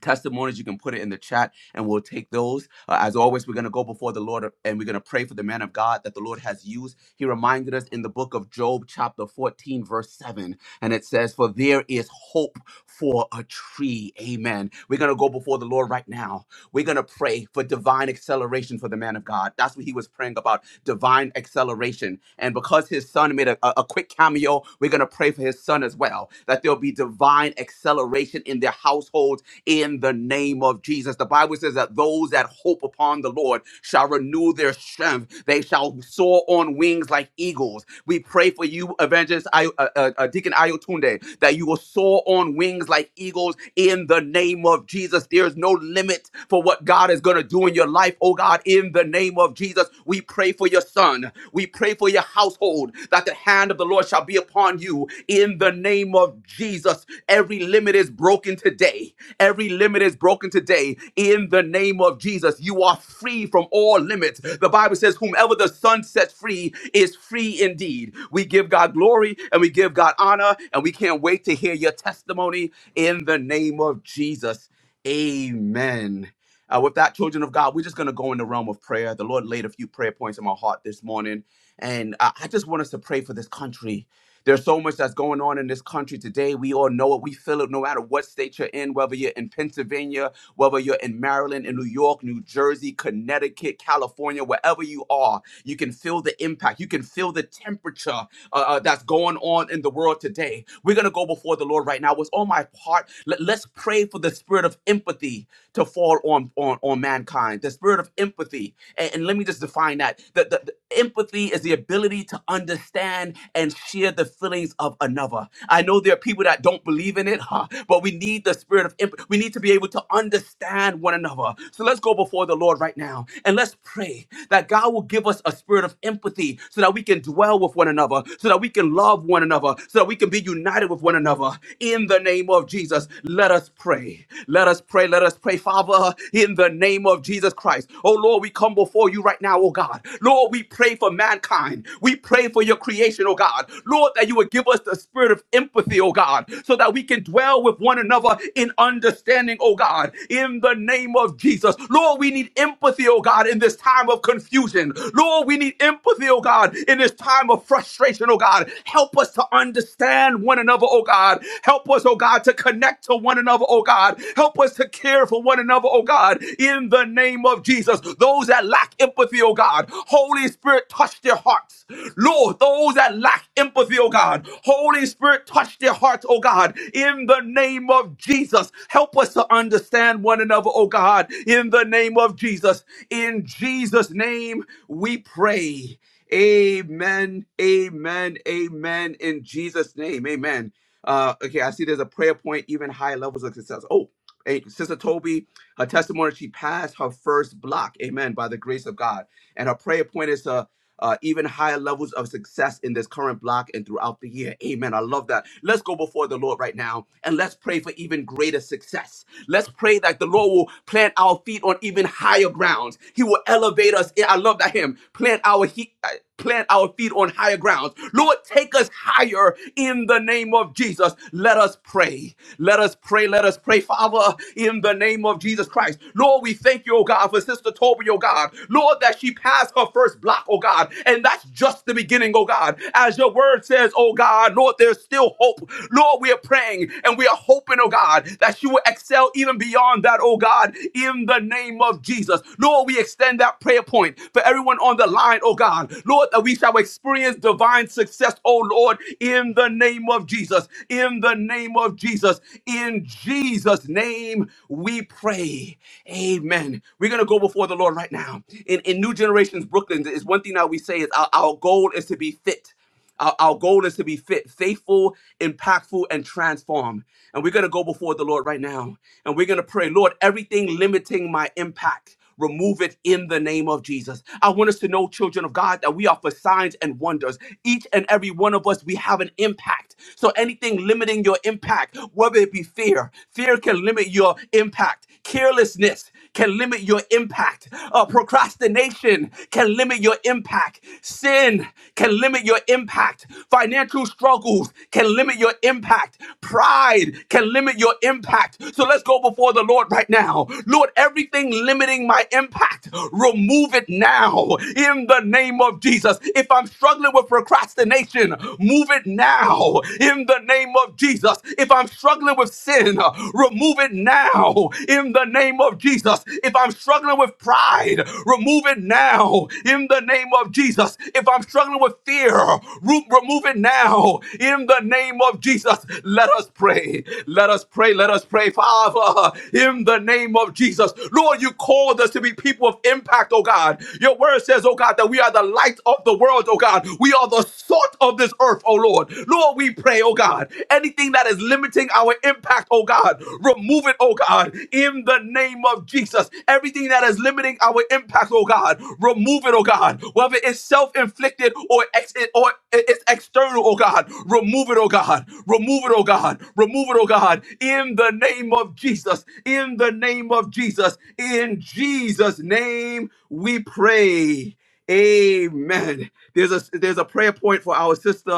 S1: testimonies, you can put it in the chat and we'll take those. Uh, as always, we're going to go before the Lord and we're going to pray for the man of God that the Lord has used. He reminded us in the book of Job, chapter 14, verse 7, and it says, For there is hope for a tree. Amen. We're going to go before the Lord right now we're going to pray for divine acceleration for the man of God. That's what he was praying about divine acceleration. And because his son made a, a a quick cameo, we're going to pray for his son as well that there'll be divine acceleration in their households in the name of Jesus. The Bible says that those that hope upon the Lord shall renew their strength. They shall soar on wings like eagles. We pray for you, Evangelist I, uh, uh, uh, Deacon Ayotunde, that you will soar on wings like eagles in the name of Jesus. There is no limit for what God is going to do in your life, oh God, in the name of Jesus. We pray for your son. We pray for your household that the hand of the Lord shall be upon you in the name of Jesus. Every limit is broken today. Every limit is broken today in the name of Jesus. You are free from all limits. The Bible says, Whomever the Son sets free is free indeed. We give God glory and we give God honor, and we can't wait to hear your testimony in the name of Jesus. Amen. Uh, with that, children of God, we're just going to go in the realm of prayer. The Lord laid a few prayer points in my heart this morning. And uh, I just want us to pray for this country. There's so much that's going on in this country today. We all know it. We feel it no matter what state you're in, whether you're in Pennsylvania, whether you're in Maryland, in New York, New Jersey, Connecticut, California, wherever you are, you can feel the impact. You can feel the temperature uh, uh, that's going on in the world today. We're going to go before the Lord right now. It's on my part. Let, let's pray for the spirit of empathy to fall on, on, on mankind, the spirit of empathy. And, and let me just define that. The, the, the empathy is the ability to understand stand and share the feelings of another. I know there are people that don't believe in it, huh, but we need the spirit of empathy. We need to be able to understand one another. So let's go before the Lord right now and let's pray that God will give us a spirit of empathy so that we can dwell with one another, so that we can love one another, so that we can be united with one another. In the name of Jesus, let us pray. Let us pray. Let us pray, Father, in the name of Jesus Christ. Oh Lord, we come before you right now, oh God. Lord, we pray for mankind. We pray for your creation, oh God. Lord, that you would give us the spirit of empathy, oh God, so that we can dwell with one another in understanding, oh God, in the name of Jesus. Lord, we need empathy, oh God, in this time of confusion. Lord, we need empathy, oh God, in this time of frustration, oh God. Help us to understand one another, oh God. Help us, oh God, to connect to one another, oh God. Help us to care for one another, oh God, in the name of Jesus. Those that lack empathy, oh God. Holy Spirit, Spirit, touch their hearts. Lord, those that lack empathy, oh God, Holy Spirit, touch their hearts, oh God, in the name of Jesus. Help us to understand one another, oh God, in the name of Jesus. In Jesus' name, we pray. Amen, amen, amen, in Jesus' name, amen. Uh, okay, I see there's a prayer point, even high levels of success. Oh, Hey, Sister Toby, her testimony, she passed her first block, amen, by the grace of God. And her prayer point is uh, uh, even higher levels of success in this current block and throughout the year. Amen. I love that. Let's go before the Lord right now and let's pray for even greater success. Let's pray that the Lord will plant our feet on even higher grounds. He will elevate us. I love that hymn. Plant our feet plant our feet on higher grounds. Lord, take us higher in the name of Jesus. Let us pray. Let us pray. Let us pray, Father, in the name of Jesus Christ. Lord, we thank you, oh God, for Sister Toby, oh God. Lord, that she passed her first block, oh God. And that's just the beginning, oh God. As your word says, oh God, Lord, there's still hope. Lord, we are praying and we are hoping, oh God, that she will excel even beyond that, oh God, in the name of Jesus. Lord, we Lord, we extend that prayer point for everyone on the line, oh God. Lord, that we shall experience divine success, oh Lord, in the name of Jesus. In the name of Jesus. In Jesus' name we pray. Amen. We're going to go before the Lord right now. In, in New Generations Brooklyn, it's one thing that we say is our our goal is to be fit. Our, our goal is to be fit, faithful, impactful, and transformed. And we're going to go before the Lord right now. And we're going to pray, Lord, everything limiting my impact, remove it in the name of Jesus. I want us to know, children of God, that we are for signs and wonders. Each and every one of us, we have an impact. So anything limiting your impact, whether it be fear, fear can limit your impact. Carelessness can limit your impact. Uh, procrastination can limit your impact. Sin can limit your impact. Financial struggles can limit your impact. Pride can limit your impact. So let's go before the Lord right now. Lord, everything limiting my impact, remove it now in the name of Jesus. If I'm struggling with procrastination, move it now in the name of Jesus. If I'm struggling with sin, remove it now in the name of Jesus. If I'm struggling with pride, remove it now in the name of Jesus. If I'm struggling with fear, root, remove it now in the name of Jesus. Let us pray. Let us pray. Let us pray, Father, in the name of Jesus. Lord, you called us to be people of impact, oh God. Your word says, oh God, that we are the light of the world, oh God. We are the salt of this earth, oh Lord. Lord, we pray, oh God, anything that is limiting our impact, oh God, Remove it, oh God, in the name of Jesus. Everything that is limiting our impact, oh God, remove it, oh God. Whether it's self-inflicted or ex- or it's external, oh God, remove it, oh God. Remove it, oh God. Remove it, oh God. In the name of Jesus. In the name of Jesus. In Jesus' name, we pray. Amen. There's a there's a prayer point for our sister uh,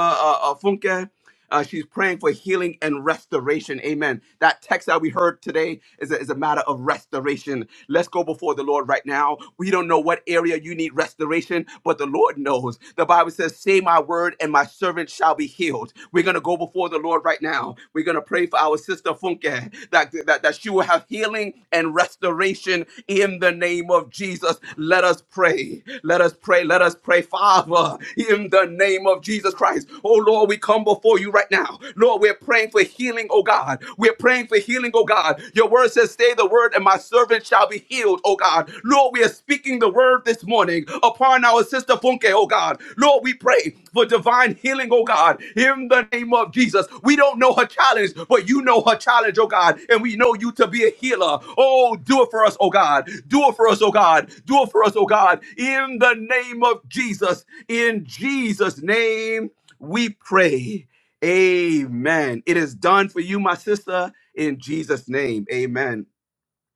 S1: uh, Funke. Uh, she's praying for healing and restoration. Amen. That text that we heard today is a, is a matter of restoration. Let's go before the Lord right now. We don't know what area you need restoration, but the Lord knows. The Bible says, Say my word, and my servant shall be healed. We're going to go before the Lord right now. We're going to pray for our sister Funke that, that, that she will have healing and restoration in the name of Jesus. Let us pray. Let us pray. Let us pray, Father, in the name of Jesus Christ. Oh Lord, we come before you before you right now. Lord, we're praying for healing, oh God. We're praying for healing, oh God. Your word says, Say the word, and my servant shall be healed, oh God. Lord, we are speaking the word this morning upon our sister Funke, oh God. Lord, we pray for divine healing, oh God, in the name of Jesus. We don't know her challenge, but you know her challenge, oh God, and we know you to be a healer. Oh, do it for us, oh God. Do it for us, oh God. Do it for us, oh God, in the name of Jesus. In Jesus' name, we pray. Amen. It is done for you, my sister, in Jesus' name. Amen.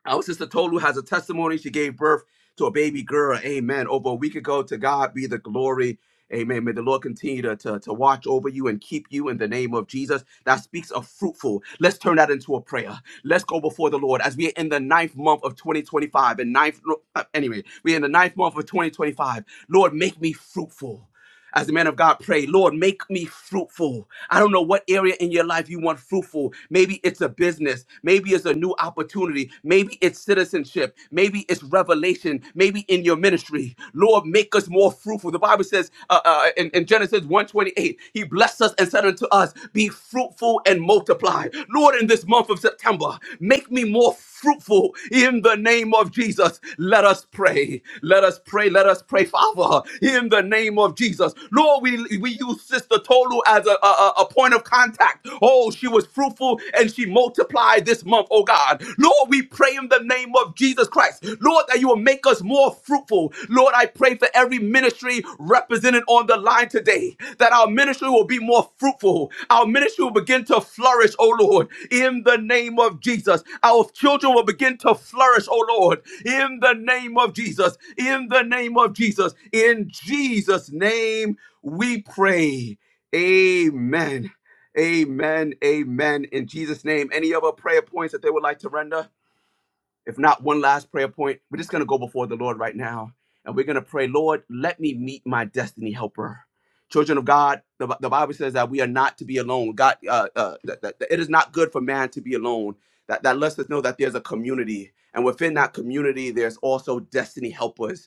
S1: Our sister Tolu has a testimony. She gave birth to a baby girl. Amen. Over a week ago, to God be the glory. Amen. May the Lord continue to, to, to watch over you and keep you in the name of Jesus. That speaks of fruitful. Let's turn that into a prayer. Let's go before the Lord as we are in the ninth month of 2025. And ninth, no, uh, anyway, we're in the ninth month of 2025. Lord, make me fruitful as the man of God pray, Lord, make me fruitful. I don't know what area in your life you want fruitful. Maybe it's a business. Maybe it's a new opportunity. Maybe it's citizenship. Maybe it's revelation. Maybe in your ministry. Lord, make us more fruitful. The Bible says uh, uh, in, in Genesis 128, he blessed us and said unto us, be fruitful and multiply. Lord, in this month of September, make me more fruitful fruitful in the name of Jesus. Let us pray. Let us pray. Let us pray, Father, in the name of Jesus. Lord, we, we use Sister Tolu as a, a, a point of contact. Oh, she was fruitful and she multiplied this month, oh God. Lord, we pray in the name of Jesus Christ. Lord, that you will make us more fruitful. Lord, Lord, I pray for every ministry represented on the line today that our ministry will be more fruitful. Our ministry will begin to flourish, oh Lord, in the name of Jesus. Our children will begin to flourish, oh Lord, in the name of Jesus. In the name of Jesus. In Jesus' name we pray. Amen. Amen. Amen. In Jesus' name. Any other prayer points that they would like to render? If not one last prayer point, we're just going to go before the Lord right now and we're going to pray, Lord, let me meet my destiny helper. Children of God, the, the Bible says that we are not to be alone. God, uh, uh, that- that it is not good for man to be alone. That, that lets us know that there's a community. And within that community, there's also destiny helpers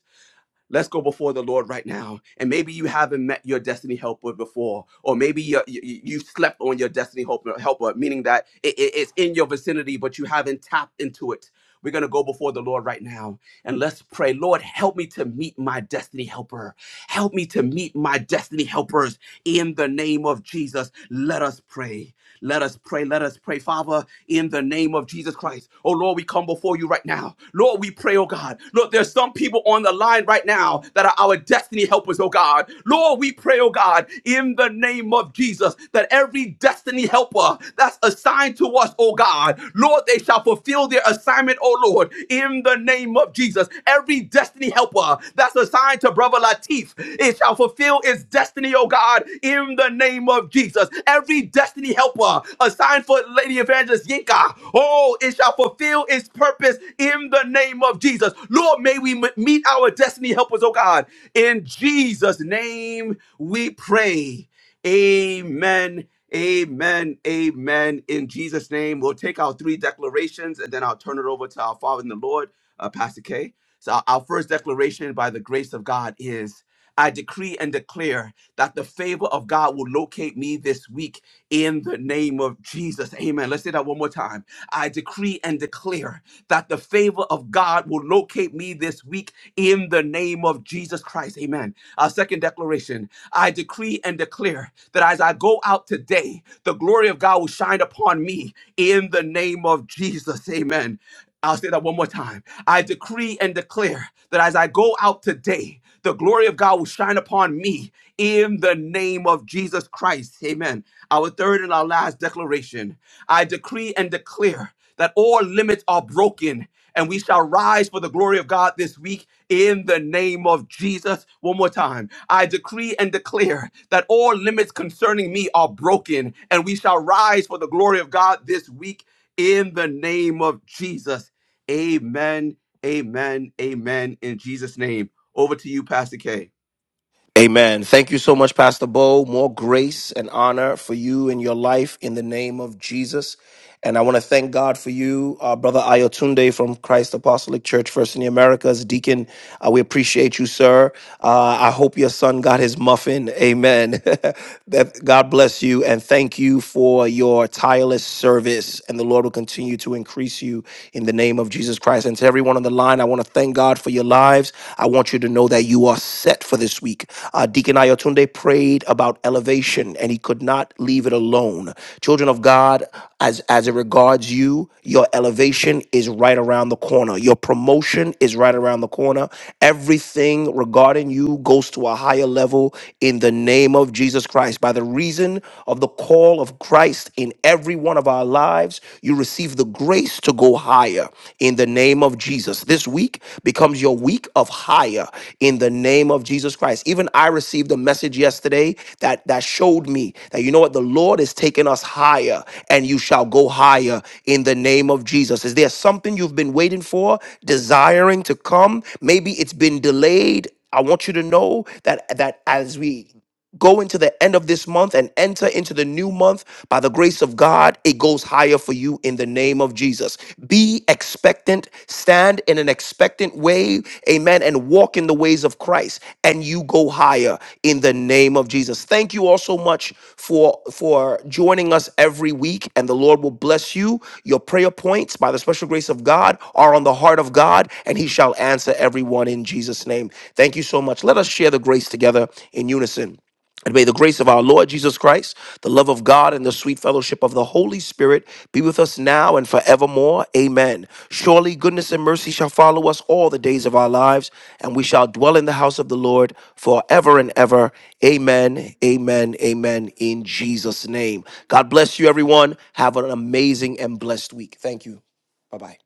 S1: Let's go before the Lord right now. And maybe you haven't met your destiny helper before, or maybe you, you, you slept on your destiny helper, helper meaning that it, it- it's in your vicinity, but you haven't tapped into it. We're going to go before the Lord right now and let's pray. Lord, help me to meet my destiny helper. Help me to meet my destiny helpers in the name of Jesus. Let us pray. Let us pray. Let us pray, Father, in the name of Jesus Christ. Oh Lord, we come before you right now. Lord, we pray, oh God. Lord, there's some people on the line right now that are our destiny helpers, oh God. Lord, we pray, oh God, in the name of Jesus, that every destiny helper that's assigned to us, oh God, Lord, they shall fulfill their assignment, oh Lord, in the name of Jesus. Every destiny helper that's assigned to Brother Latif, it shall fulfill its destiny, oh God. God, in the name of Jesus. Every destiny helper assigned for Lady Evangelist Yinka, oh, it shall fulfill its purpose in the name of Jesus. Lord, may we m- meet our destiny helpers, oh God. In Jesus' name we pray. Amen. Amen. Amen. In Jesus' name, we'll take our three declarations and then I'll turn it over to our Father in the Lord, uh, Pastor K. So, our our first declaration by the grace of God is I decree and declare that the favor of God will locate me this week in the name of Jesus. Amen. Let's say that one more time. I decree and declare prayer that the favor of God will locate me this week in the name of Jesus Christ. Amen. Our second declaration I decree and declare that as I go out today, the glory of God will shine upon me in the name of Jesus. Amen. I'll say that one more time. I decree and declare that as I go out today, the glory of God will shine upon me in the name of Jesus Christ. Amen. Our third and our last declaration I decree and declare that all limits are broken and we shall rise for the glory of God this week in the name of Jesus. One more time. I decree and declare that all limits concerning me are broken and we shall rise for the glory of God this week in the name of Jesus. Amen. Amen. Amen. In Jesus' name. Over to you, Pastor K.
S3: Amen. Thank you so much, Pastor Bo. More grace and honor for you in your life in the name of Jesus. And I want to thank God for you, uh, Brother Ayotunde from Christ Apostolic Church, First in the Americas. Deacon, uh, we appreciate you, sir. Uh, I hope your son got his muffin. Amen. that God bless you and thank you for your tireless service. And the Lord will continue to increase you in the name of Jesus Christ. And to everyone on the line, I want to thank God for your lives. I want you to know that you are set for this week week. Uh, Deacon Ayotunde prayed about elevation and he could not leave it alone. Children of God, as, as it regards you, your elevation is right around the corner. Your promotion is right around the corner. Everything regarding you goes to a higher level in the name of Jesus Christ. By the reason of the call of Christ in every one of our lives, you receive the grace grace to go higher in the name of Jesus. This week becomes your week of higher in the name of Jesus Christ. Even I received a message yesterday that that showed me that you know what the Lord is taking us higher and you shall go higher in the name of Jesus. Is there something you've been waiting for, desiring to come? Maybe it's been delayed. I want you to know that that as we go into the end of this month and enter into the new month by the grace of God, it goes higher for you in the name of Jesus. Be expectant, stand in an expectant way, amen, and walk in the ways of Christ, and you go higher in the name of Jesus. Thank you all so much for for joining us every week, and the Lord will bless you. Your prayer points by the special grace of God are on the heart of God, and He shall answer everyone in Jesus' name. Thank you so much. Let us share the grace together in unison. And may the grace of our Lord Jesus Christ, the love of God, and the sweet fellowship of the Holy Spirit be with us now and forevermore. Amen. Surely goodness and mercy shall follow us all the days of our lives, and we shall dwell in the house of the Lord forever and ever. Amen. Amen. Amen. In Jesus' name. God bless you, everyone. Have an amazing and blessed week. Thank you. Bye bye.